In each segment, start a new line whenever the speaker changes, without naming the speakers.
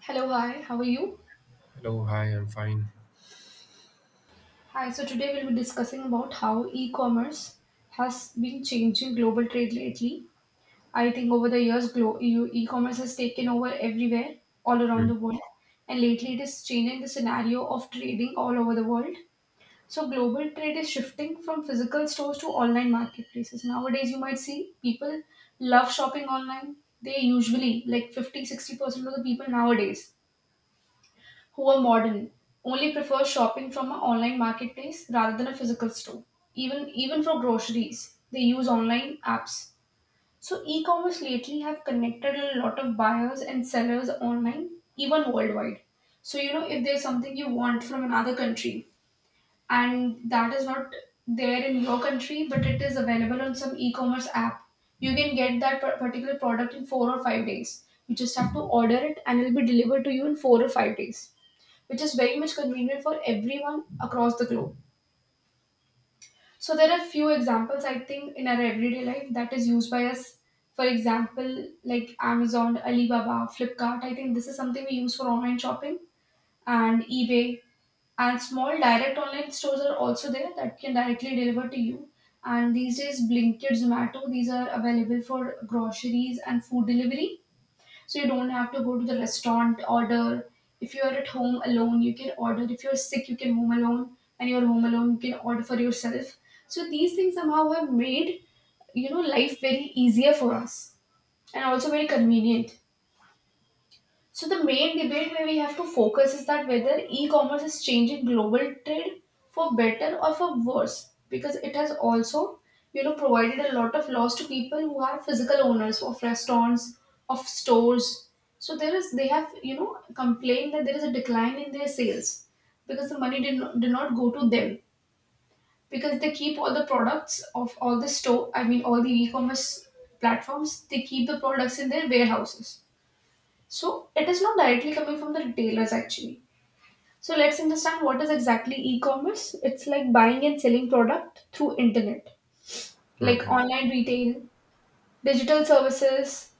Hello, hi, how are you?
Hello, hi, I'm fine.
Hi, so today we'll be discussing about how e commerce has been changing global trade lately. I think over the years, e commerce has taken over everywhere, all around the world, and lately it is changing the scenario of trading all over the world. So, global trade is shifting from physical stores to online marketplaces. Nowadays, you might see people love shopping online. They usually, like 50, 60% of the people nowadays, who are modern only prefer shopping from an online marketplace rather than a physical store. Even for groceries, they use online apps. So e-commerce lately have connected a lot of buyers and sellers online, even worldwide. So you know, if there's something you want from another country and that is not there in your country but it is available on some e-commerce app, you can get that particular product in 4 or 5 days. You just have to order it and it will be delivered to you in 4 or 5 days, which is very much convenient for everyone across the globe. So there are few examples I think in our everyday life that is used by us. For example, like Amazon, Alibaba, Flipkart. I think this is something we use for online shopping, and eBay and small direct online stores are also there that can directly deliver to you. And these days, Blinkit, Zomato, these are available for groceries and food delivery, so you don't have to go to the restaurant order. If you are at home alone you can order. If you're sick you can home alone, and you're home alone you can order for yourself. So these things somehow have made, you know, life very easier for us, and also very convenient. So the main debate where we have to focus is that whether e-commerce is changing global trade for better or for worse, because it has also, you know, provided a lot of loss to people who are physical owners of restaurants, of stores. So there is they have, you know, complained that there is a decline in their sales because the money did not go to them, because they keep all the products of all the store, I mean all the e-commerce platforms, they keep the products in their warehouses, so it is not directly coming from the retailers actually. So let's understand what is exactly e-commerce. It's like buying and selling product through internet, like
Mm-hmm.
online retail, digital services,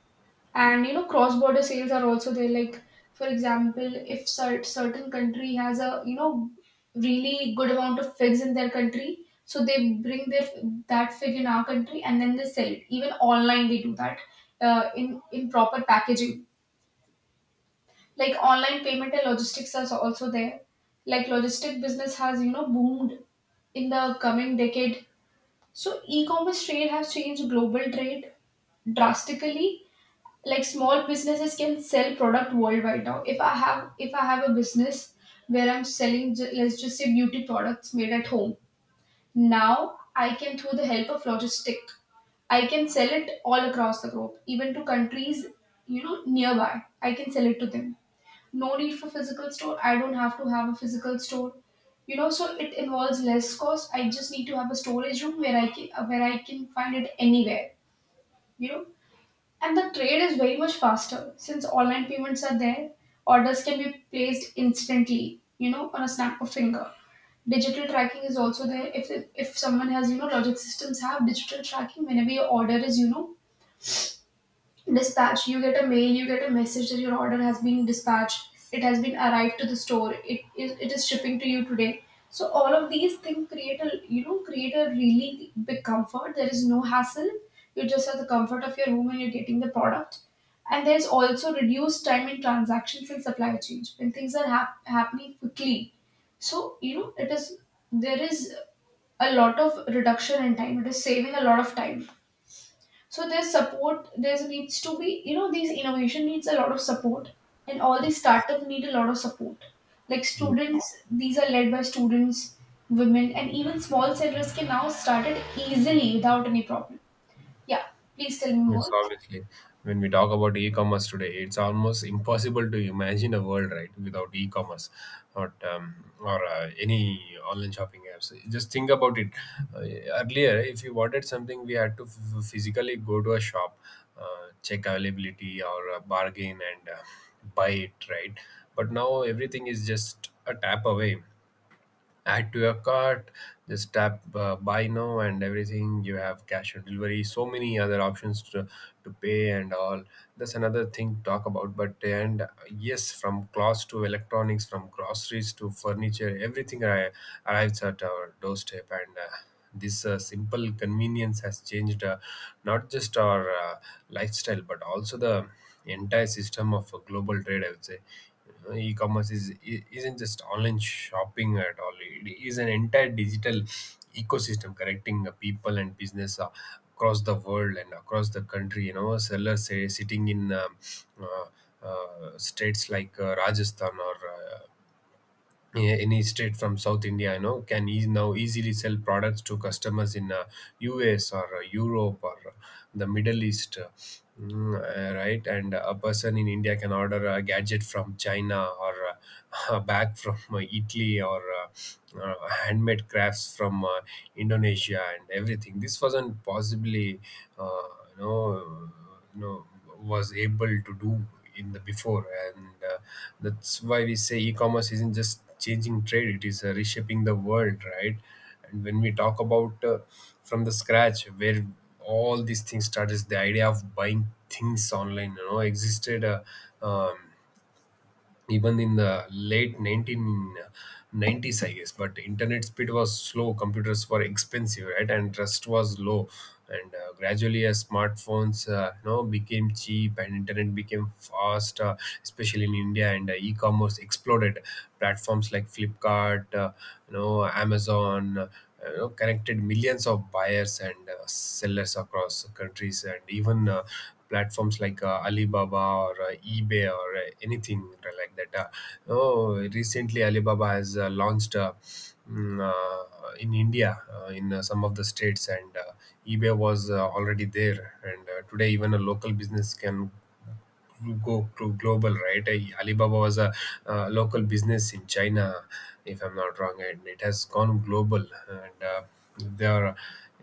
and you know cross-border sales are also there. Like for example, if certain country has a, you know, really good amount of figs in their country, so they bring their that fig in our country and then they sell it. Even online they do that, in proper packaging. Like online payment and logistics are also there. Like logistic business has, you know, boomed in the coming decade. So e-commerce trade has changed global trade drastically. Like small businesses can sell product worldwide now. If I have a business where I'm selling let's just say beauty products made at home, now I can, through the help of logistic, I can sell it all across the globe, even to countries, you know, nearby. I can sell it to them. No need for physical store. I don't have to have a physical store, you know, so it involves less cost. I just need to have a storage room where I can, where I can find it anywhere, you know. And the trade is very much faster since online payments are there. Orders can be placed instantly, you know, on a snap of finger. Digital tracking is also there. If someone has, you know, logic systems have digital tracking. Whenever your order is, you know, dispatch, you get a mail, you get a message that your order has been dispatched, it has been arrived to the store, it is shipping to you today. So all of these things create a, you know, create a really big comfort. There is no hassle. You just have the comfort of your home and you're getting the product. And there's also reduced time in transactions in supply chains when things are happening quickly. So you know, it is, there is a lot of reduction in time, it is saving a lot of time. So there's support. There's needs to be, you know, these innovation needs a lot of support, and all these
Yes.
startup need a lot of support. Like
Yes,
students, these are led by students, women, and even small sellers can now start it easily without any problem. Yeah, please tell me
yes,
more.
obviously. When we talk about e-commerce today, it's almost impossible to imagine a world, right, without e-commerce or um, or any online shopping apps. Just think about it. Uh, Earlier, if you wanted something, we had to physically go to a shop, check availability or bargain and buy it, right? But now everything is just a tap away. Add to your cart, just tap, buy now, and everything. You have cash on delivery, so many other options to pay and all. That's another thing to talk about. But and uh, yes, from clothes to electronics, from groceries to furniture, arrives at our doorstep, and this simple convenience has changed not just our lifestyle but also the entire system of global trade, I would say. E-commerce is isn't just online shopping at all. It is an entire digital ecosystem connecting people and business across the world and across the country. You know, sellers say sitting in uh, states like Rajasthan or yeah, any state from South India, you know, can eas now easily sell products to customers in US or Europe or the Middle East, right? And a person in India can order a gadget from China or a bag from Italy or handmade crafts from Indonesia and everything. This wasn't possibly, uh, you know, you know was able to do in the before, and that's why we say e-commerce isn't just changing trade, it is reshaping the world, right? And when we talk about from the scratch, where all these things started is the idea of buying things online, you know, existed um, even in the late 1990s, I guess. But internet speed was slow, computers were expensive, right, and trust was low. And gradually as smartphones, you know, became cheap and internet became fast, especially in India, and e-commerce exploded. Platforms like Flipkart, you know, Amazon, you know, connected millions of buyers and sellers across countries, and even platforms like Alibaba or eBay or anything like that. Oh, recently Alibaba has launched in India in some of the states, and eBay was already there. And today, even a local business can go to global, right? Alibaba was a local business in China, if I'm not wrong, and it has gone global, and they are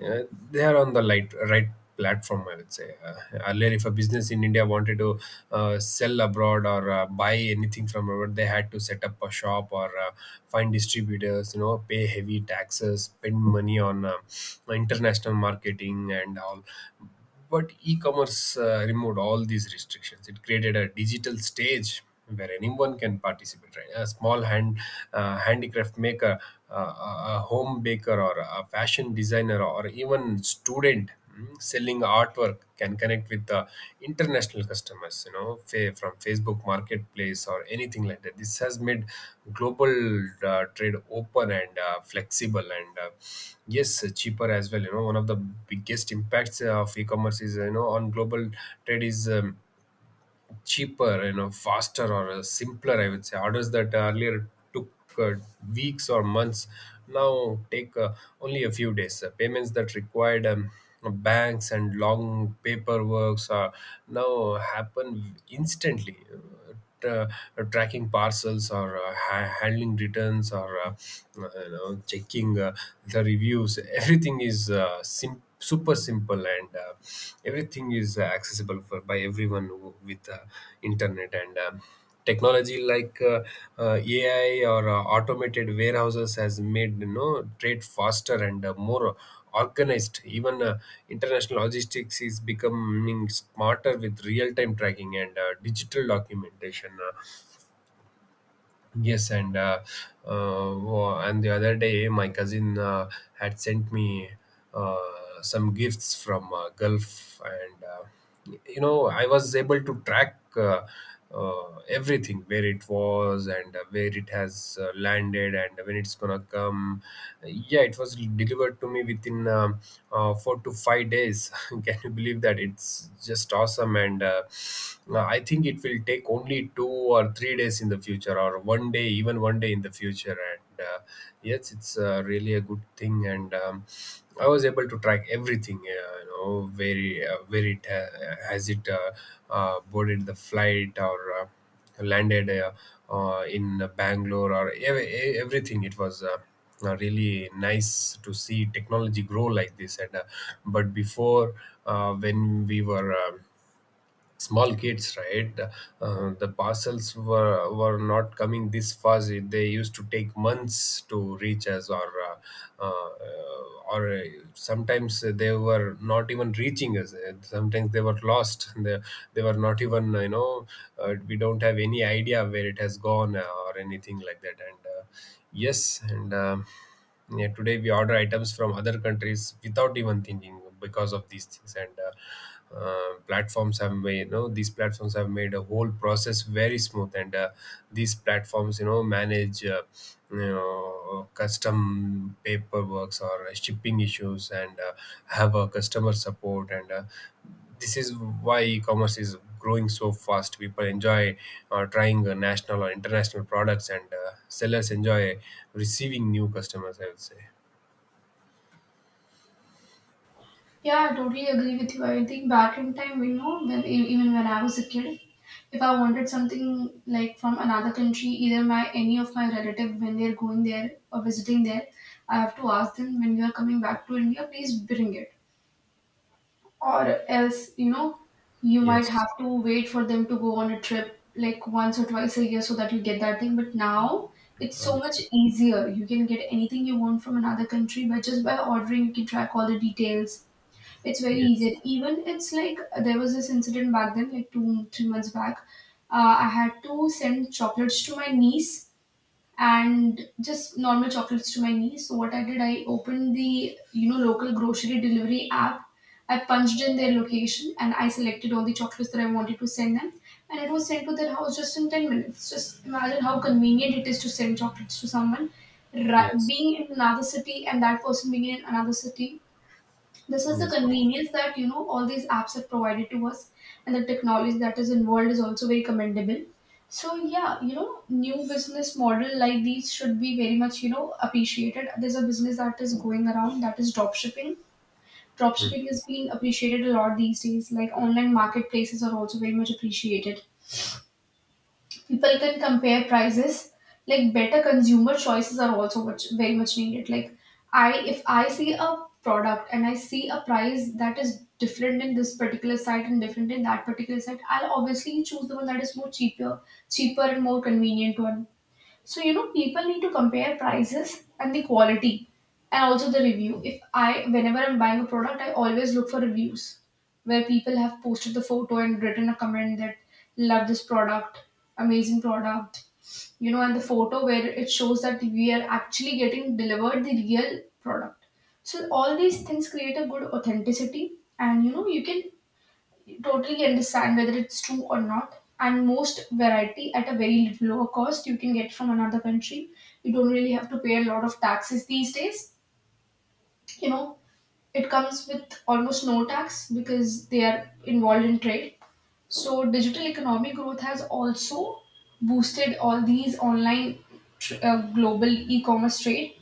uh, they are on the light, right platform, I would say. Earlier, if a business in India wanted to sell abroad or buy anything from abroad, they had to set up a shop or find distributors, you know, pay heavy taxes, spend money on international marketing and all. But e-commerce removed all these restrictions. It created a digital stage where anyone can participate. Right, a small handicraft maker, a home baker, or a fashion designer, or even student, selling artwork can connect with the international customers, you know, from Facebook marketplace or anything like that. This has made global trade open and flexible, and yes, cheaper as well. You know, one of the biggest impacts of e-commerce is, you know, on global trade is cheaper, you know, faster or simpler, I would say. Orders that earlier took uh, weeks or months now take only a few days. Payments that required banks and long paperworks are now happen instantly. Tra- Tracking parcels or handling returns or you know, checking the reviews, everything is super simple, and everything is accessible for by everyone with internet and technology like AI or automated warehouses has made, you know, trade faster and more organized. Even international logistics is becoming smarter with real-time tracking and digital documentation. Yes, and and the other day, my cousin had sent me uh, some gifts from Gulf, and you know, I was able to track everything, where it was and where it has landed and when it's gonna come. Yeah, it was delivered to me within 4 to 5 days. Can you believe that? It's just awesome, and I think it will take only 2 or 3 days in the future, or one day, even one day in the future, and yes, it's really a good thing, and I was able to track everything, you know, very where it has it boarded the flight or landed in Bangalore or everything, it was really nice to see technology grow like this, and but before, when we were small kids, right, the parcels were not coming this fast. They used to take months to reach us, or sometimes they were not even reaching us. Sometimes they were lost, they were not even, you know, we don't have any idea where it has gone, or anything like that, and yes, and yeah, today we order items from other countries without even thinking because of these things. And platforms have made, you know, these platforms have made a whole process very smooth. And these platforms, you know, manage, you know, custom paperworks or shipping issues, and have a customer support. And this is why e-commerce is growing so fast. People enjoy trying national or international products, and sellers enjoy receiving new customers, I would say.
Yeah, I totally agree with you. I think back in time, you know, when even when I was a kid, if I wanted something like from another country, either my any of my relative when they're going there or visiting there, I have to ask them, when you are coming back to India, please bring it, or else, you know, you might
Yes,
have to wait for them to go on a trip like once or twice a year so that you get that thing. But now it's so much
obviously.
easier. You can get anything you want from another country by just by ordering. You can track all the details, it's very
yes
easy. Even it's like there was this incident back then, like 2, 3 months back. I had to send chocolates to my niece, and just normal chocolates to my niece. So what I did, I opened the, you know, local grocery delivery app. I punched in their location and I selected all the chocolates that I wanted to send them, and it was sent to their house just in 10 minutes. Just imagine how convenient it is to send chocolates to someone, right,
yes
being in another city and that person being in another city. This is the
yes, obviously.
convenience that, you know, all these apps have provided to us, and the technology that is involved is also very commendable. So yeah, you know, new business model like these should be very much, you know, appreciated. There's a business that is going around that is drop shipping. Drop shipping
Mhm.
is being appreciated a lot these days. Like online marketplaces are also very much appreciated. People can compare prices, like better consumer choices are also much very much needed. Like, I if I see a product and I see a price that is different in this particular site and different in that particular site, I'll obviously choose the one that is more cheaper and more convenient one. So, you know, people need to compare prices and the quality, and also the review. If I, whenever I'm buying a product, I always look for reviews where people have posted the photo and written a comment that love this product, amazing product, you know, and the photo where it shows that we are actually getting delivered the real product. So all these things create a good authenticity, and you know you can totally understand whether it's true or not. And most variety at a very little lower cost you can get from another country. You don't really have to pay a lot of taxes these days, you know, it comes with almost no tax because they are involved in trade. So digital economic growth has also boosted all these online global e-commerce trade.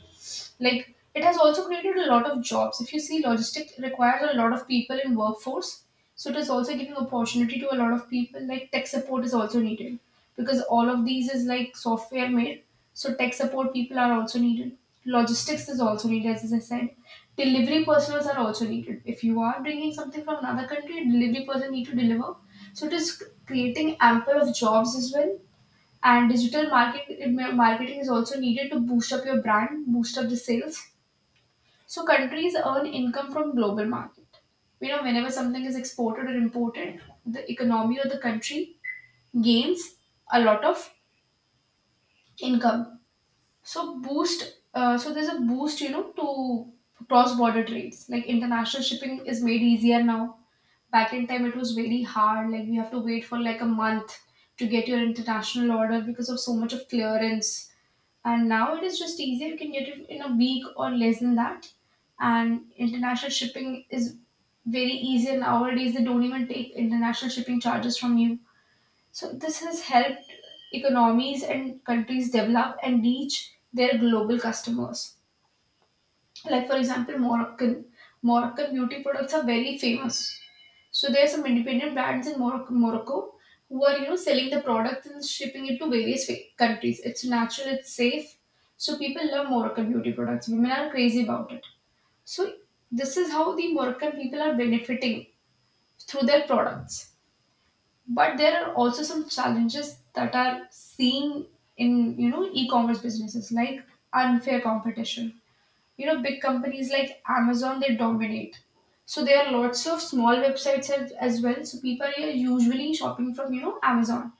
Like, it has also created a lot of jobs. If you see, logistics requires a lot of people in workforce, so it is also giving opportunity to a lot of people. Like tech support is also needed because all of these is like software made, so tech support people are also needed. Logistics is also needed, as I said. Delivery personals are also needed. If you are bringing something from another country, delivery person need to deliver. So it is creating ample of jobs as well. And digital marketing is also needed to boost up your brand, boost up the sales, so countries earn income from global market. You know, whenever something is exported or imported, the economy or the country gains a lot of income. So boost. So there's a boost, you know, to cross-border trades. Like international shipping is made easier now. Back in time, it was very hard. Like we have to wait for like a month to get your international order because of so much of clearance, and now it is just easier, you can get it in a week or less than that. And international shipping is very easy, and nowadays they don't even take international shipping charges from you. So this has helped economies and countries develop and reach their global customers. Like for example, Moroccan beauty products are very famous. So there are some independent brands in Morocco who are, you know, selling the products and shipping it to various countries. It's natural, it's safe, so people love Moroccan beauty products. Women are crazy about it. So this is how the Moroccan people are benefiting through their products. But there are also some challenges that are seen in, you know, e-commerce businesses, like unfair competition. You know, big companies like Amazon, they dominate. So there are lots of small websites as well, so people are usually shopping from, you know, Amazon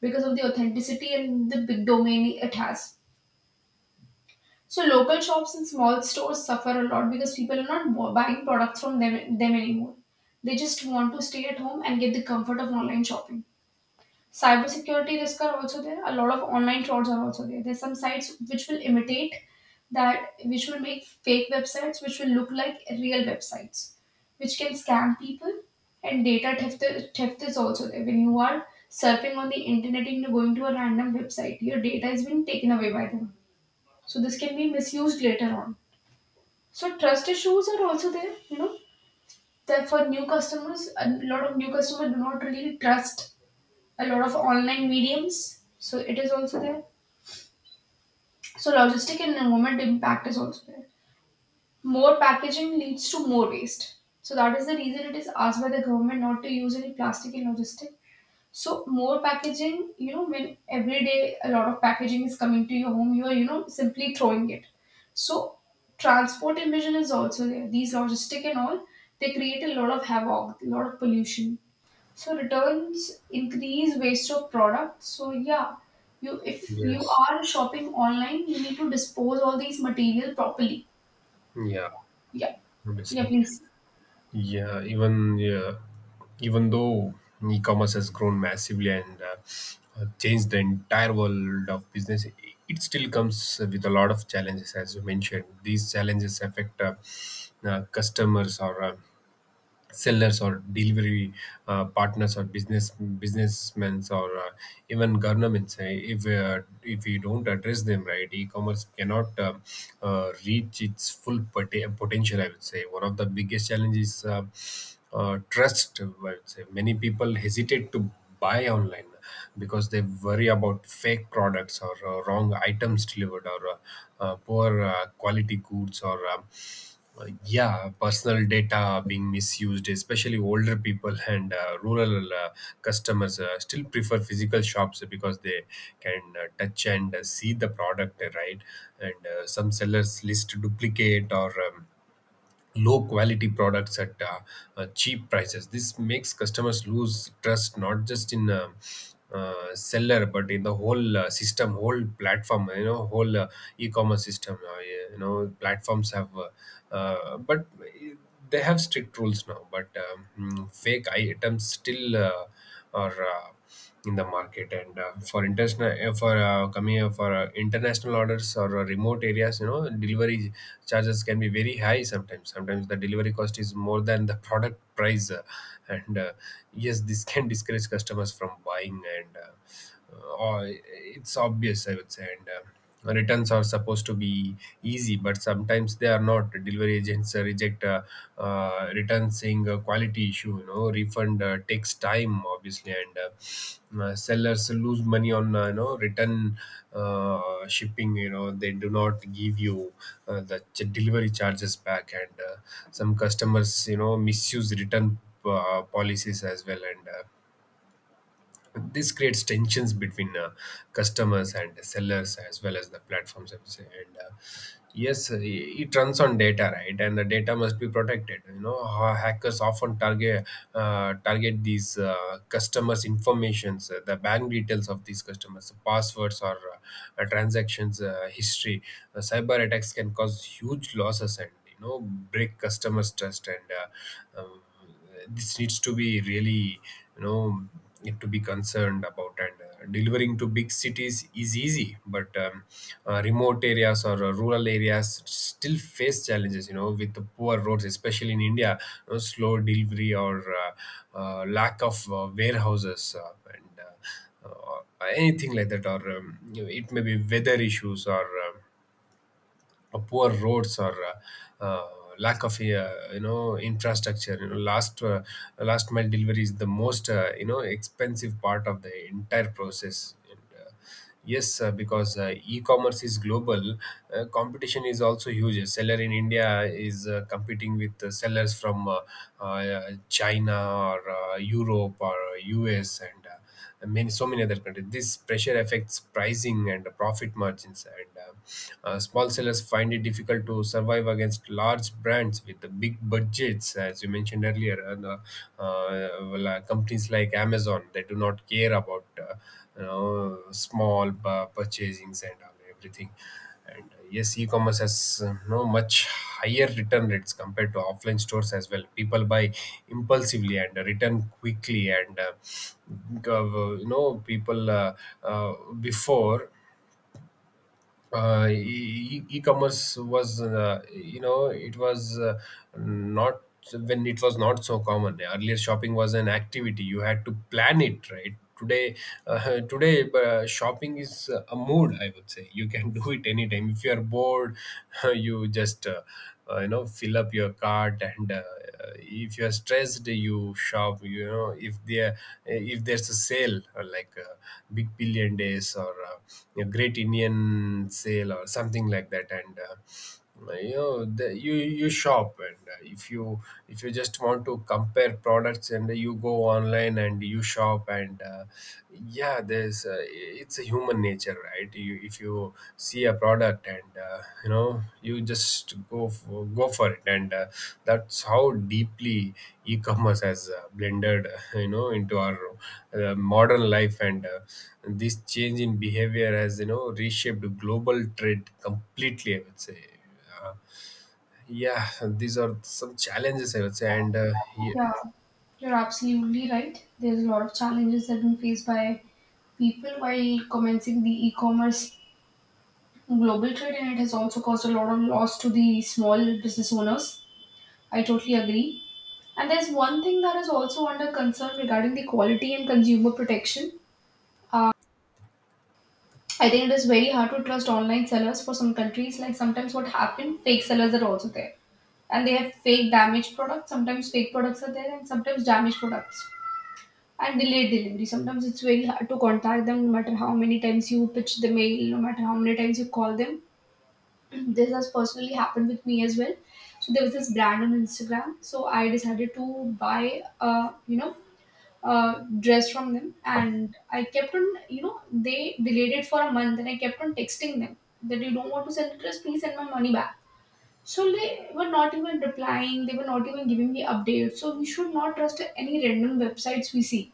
because of the authenticity and the big domain it has. So local shops and small stores suffer a lot because people are not buying products from them anymore. They just want to stay at home and get the comfort of online shopping. Cybersecurity risks are also there. A lot of online frauds are also there. There's some sites which will imitate that, which will make fake websites, which will look like real websites, which can scam people. And data theft is also there. When you are surfing on the internet and you're going to a random website, your data is being taken away by them. So this can be misused later on. So trust issues are also there. You know, that for new customers, a lot of new customers do not really trust a lot of online mediums, so it is also there. So logistic and environment impact is also there. More packaging leads to more waste. So that is the reason it is asked by the government not to use any plastic in logistic. So more packaging, you know, when every day a lot of packaging is coming to your home, you are, you know, simply throwing it. So transport emission is also there. These logistic and all, they create a lot of havoc, a lot of pollution. So returns increase waste of products. So yeah, you, if you
Yes.
are shopping online, you need to dispose all these material properly.
Yeah,
Yeah. Yeah,
obviously.
please.
Yeah, even though e-commerce has grown massively and changed the entire world of business, it still comes with a lot of challenges, as you mentioned. These challenges affect customers or sellers or delivery partners or businessmen or even governments. If if we don't address them, right, e-commerce cannot reach its full potential, I would say. One of the biggest challenges, trust, I would say. Many people hesitate to buy online because they worry about fake products or wrong items delivered or poor quality goods or yeah, personal data being misused, especially older people and rural customers still prefer physical shops because they can touch and see the product, right? And some sellers list duplicate or low quality products at cheap prices. This makes customers lose trust not just in seller but in the whole system, whole platform. You know, whole e-commerce system. Yeah, you know, platforms have, but they have strict rules now. But fake items still are. In the market, and for international for coming for international orders or remote areas, you know, delivery charges can be very high. Sometimes the delivery cost is more than the product price, and yes, this can discourage customers from buying, and it's obvious, I would say, and returns are supposed to be easy, but sometimes they are not. Delivery agents reject returns saying quality issue, you know, refund takes time, obviously, and sellers lose money on, you know, return uh, shipping. You know, they do not give you the delivery charges back, and some customers, you know, misuse return policies as well, and this creates tensions between customers and sellers as well as the platforms, I would say. And, yes, it runs on data, right? And the data must be protected. Hackers often target these customers informations, the bank details of these customers, passwords, or transactions history. Cyber attacks can cause huge losses and break customers trust. And uh, um, this needs to be really you know to be concerned about. And Delivering to big cities is easy, but remote areas or rural areas still face challenges with the poor roads, especially in India. Slow delivery, or lack of warehouses, and anything like that, or it may be weather issues, or poor roads, or uh, uh, lack of infrastructure. Last mile delivery is the most expensive part of the entire process. And yes, because e-commerce is global. Competition is also huge. A seller in India is competing with sellers from China, or Europe, or US, and many so many other countries. This pressure affects pricing and profit margins, and small sellers find it difficult to survive against large brands with the big budgets, as you mentioned earlier. Well, companies like Amazon, they do not care about small purchasings and all everything. And yes, e-commerce has no much higher return rates compared to offline stores as well. People buy impulsively and return quickly. And you know People, uh, before e-commerce was, it was, not, when it was not so common. Earlier shopping was an activity. You had to plan it, right? Today, today shopping is a mood, I would say. You can do it anytime if you are bored. You just fill up your cart, and if you are stressed, you shop. If there if there's a sale, or like a big billion days, or a great Indian sale or something like that. And you shop, and if you just want to compare products, and you go online and you shop. And Yeah, there's it's a human nature, right? If you see a product, and you know you just go for it. And That's how deeply e-commerce has blended into our modern life. And This change in behavior has reshaped global trade completely, I would say. uh, yeah, these are some challenges, I would say. Ye-
Yeah, you're absolutely right. There's a lot of challenges that have been faced by people while commencing the e-commerce global trade, and it has also caused a lot of loss to the small business owners. I totally agree. And there's one thing that is also under concern regarding the quality and consumer protection. Uh, I think it is very hard to trust online sellers for some countries. Like sometimes what happened, fake sellers are also there. And they have fake damaged products. Sometimes fake products are there and sometimes damaged products. And delayed delivery. Sometimes it's very hard to contact them, no matter how many times you pitch the mail, no matter how many times you call them. This has personally happened with me as well. So there was this brand on Instagram. So I decided to buy dress from them, and I kept on, you know, they delayed it for a month, and I kept on texting them that you don't want to send the dress, please send my money back. So they were not even replying, they were not even giving me updates. So we should not trust any random websites we see.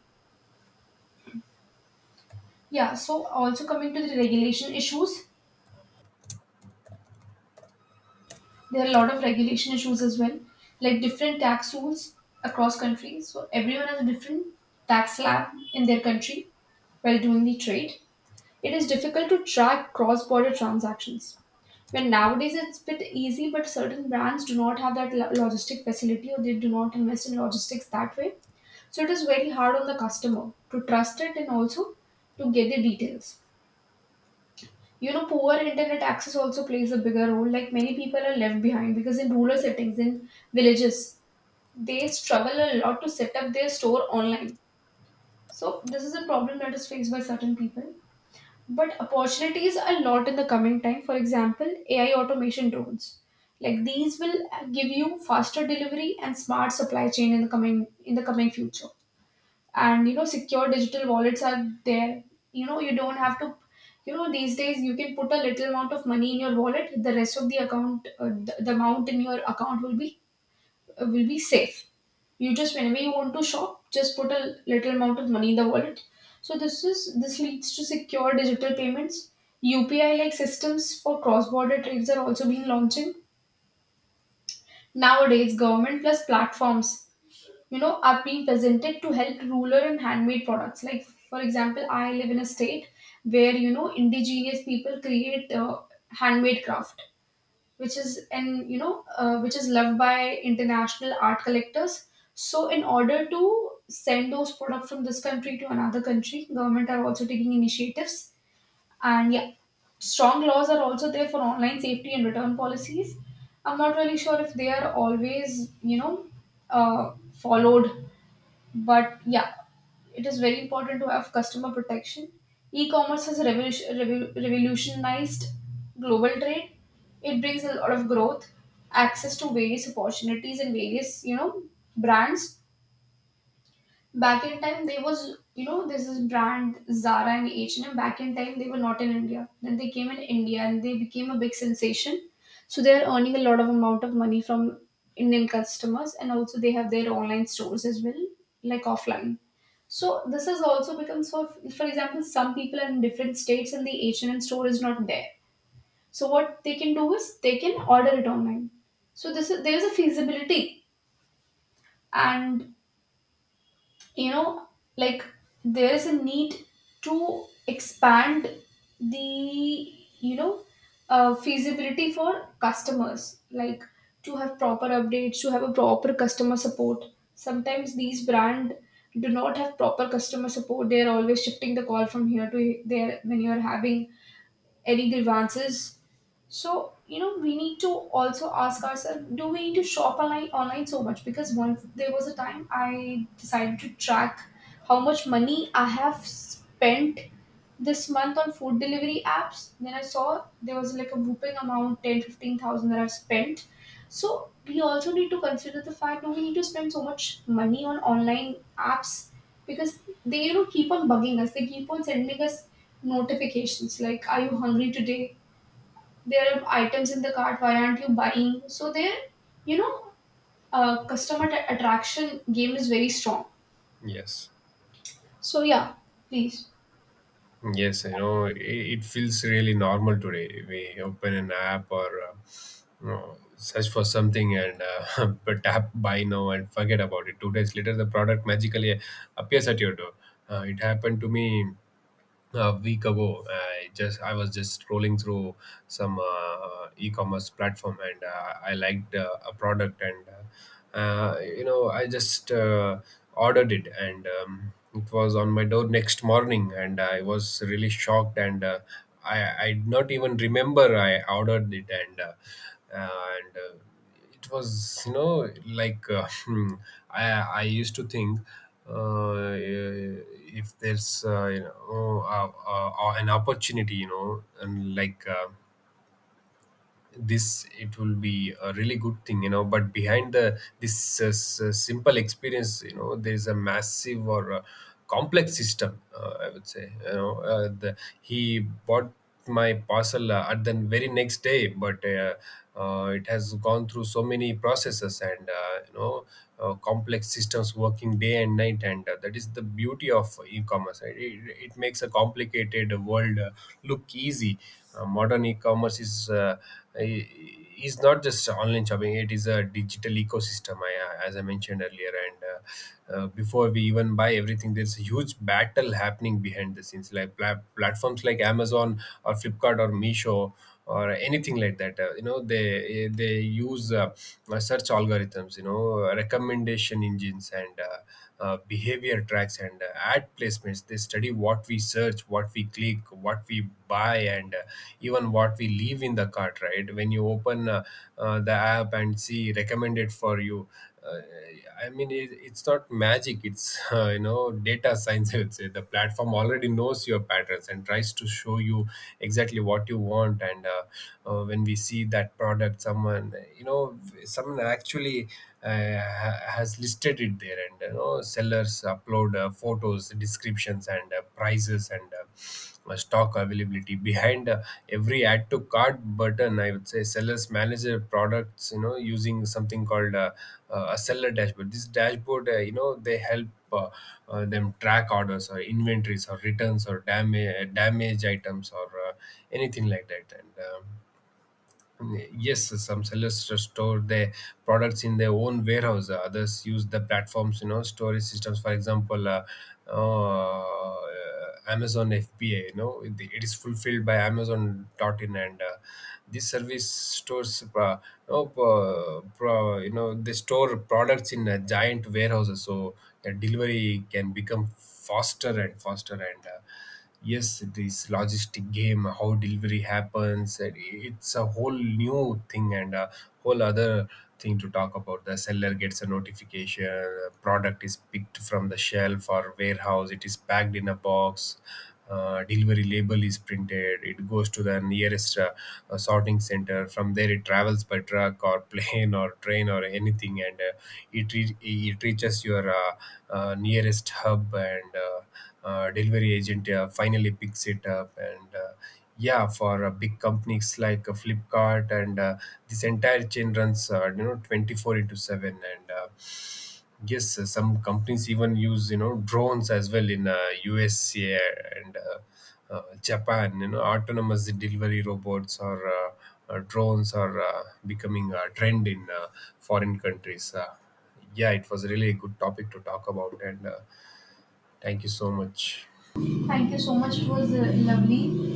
Yeah, so also coming to the regulation issues, there are a lot of regulation issues as well, like different tax rules across countries. So everyone has a different tax slab in their country while doing the trade. It is difficult to track cross-border transactions. When nowadays it's a bit easy, but certain brands do not have that logistic facility, or they do not invest in logistics that way. So it is very hard on the customer to trust it, and also to get the details. You know, poor internet access also plays a bigger role. Like many people are left behind because in rural settings, in villages, they struggle a lot to set up their store online. So this is a problem that is faced by certain people. But opportunities are lot in the coming time. For example, AI automation drones. Like these will give you faster delivery and smart supply chain in the coming future. And you know, secure digital wallets are there. You know, you don't have to. You know, these days you can put a little amount of money in your wallet. The rest of the account, the amount in your account will be safe. You just, whenever you want to shop, just put a little amount of money in the wallet. So this is, this leads to secure digital payments. UPI like systems for cross-border trades are also being launching. Nowadays, government plus platforms, you know, are being presented to help rural and handmade products. Like for example, I live in a state where, you know, indigenous people create handmade craft which is, and you know, which is loved by international art collectors. So in order to send those products from this country to another country, government are also taking initiatives. And yeah, strong laws are also there for online safety and return policies. I'm not really sure if they are always, you know, uh, followed, but yeah, it is very important to have customer protection. E-commerce has revolutionized global trade. It brings a lot of growth, access to various opportunities and various, you know, brands. Back in time there was, you know, this is brand Zara and H&M. Back in time they were not in India, then they came in India and they became a big sensation. So they are earning a lot of amount of money from Indian customers, and also they have their online stores as well, like offline. So this has also become. So for example, some people are in different states and the H&M store is not there, so what they can do is they can order it online. So this is, there is a feasibility. And you know, like, there is a need to expand the, you know, feasibility for customers, like to have proper updates, to have a proper customer support. Sometimes these brand do not have proper customer support, they are always shifting the call from here to there when you are having any grievances. So, you know, we need to also ask ourselves, do we need to shop online so much? Because once there was a time I decided to track how much money I have spent this month on food delivery apps. Then I saw there was like a whooping amount, 10-15,000, that I've spent. So, we also need to consider the fact, do we need to spend so much money on online apps, because they, you know, keep on bugging us, they keep on sending us notifications like, are you hungry today? There are items in the cart, why aren't you buying? So there, you know, attraction game is very strong.
yes.
So yeah, please,
Yes, it feels really normal today. We open an app, or search for something, and but tap buy now and forget about it. 2 days later, the product magically appears at your door. It happened to me a week ago. I was just scrolling through some e-commerce platform, and I liked a product, and I just ordered it. And it was on my door next morning, and I was really shocked. And I did not even remember I ordered it. And uh, uh, and uh, it was like, I used to think, uh, if there's, an opportunity, you know and like. This it will be a really good thing. But behind the simple experience, there is a massive, or a complex system, I would say. He bought my parcel at the very next day, but it has gone through so many processes. And complex systems working day and night. And that is the beauty of e-commerce, right? It makes a complicated world look easy. Modern e-commerce is, i- is not just online shopping, it is a digital ecosystem, as I mentioned earlier. And Before we even buy everything, there's a huge battle happening behind the scenes, like platforms like Amazon, or Flipkart, or Misho, or anything like that. They use search algorithms, recommendation engines, and behavior tracks, and ad placements. They study what we search, what we click, what we buy, and even what we leave in the cart, right? When you open the app and see recommended for you, uh, I mean, it's not magic. It's data science, I would say. The platform already knows your patterns and tries to show you exactly what you want. And when we see that product, someone, you know someone actually has listed it there. And sellers upload photos, descriptions, and prices, and stock availability, behind every add to cart button, I would say. Sellers manage their products, using something called a seller dashboard. This dashboard, they help uh, them track orders, or inventories, or returns, or damage items, or anything like that. And Yes, some sellers store their products in their own warehouse. Others use the platforms, storage systems. For example, uh, Amazon FBA, it is fulfilled by Amazon.in, and this service stores, they store products in giant warehouses, so the delivery can become faster and faster. And. Yes, this logistic game, how delivery happens, and it's a whole new thing, and a whole other thing to talk about. The seller gets a notification. A product is picked from the shelf or warehouse. It is packed in a box. Delivery label is printed. It goes to the nearest sorting center. From there, it travels by truck or plane or train or anything, and it reaches your nearest hub, and delivery agent finally picks it up. And yeah, for big companies like Flipkart, and this entire chain runs 24 into seven, and yes, some companies even use, drones as well, in USA, and Japan. You know, autonomous delivery robots or drones are becoming a trend in foreign countries. Yeah, it was really a good topic to talk about. And thank you so much.
thank you so much, it was lovely.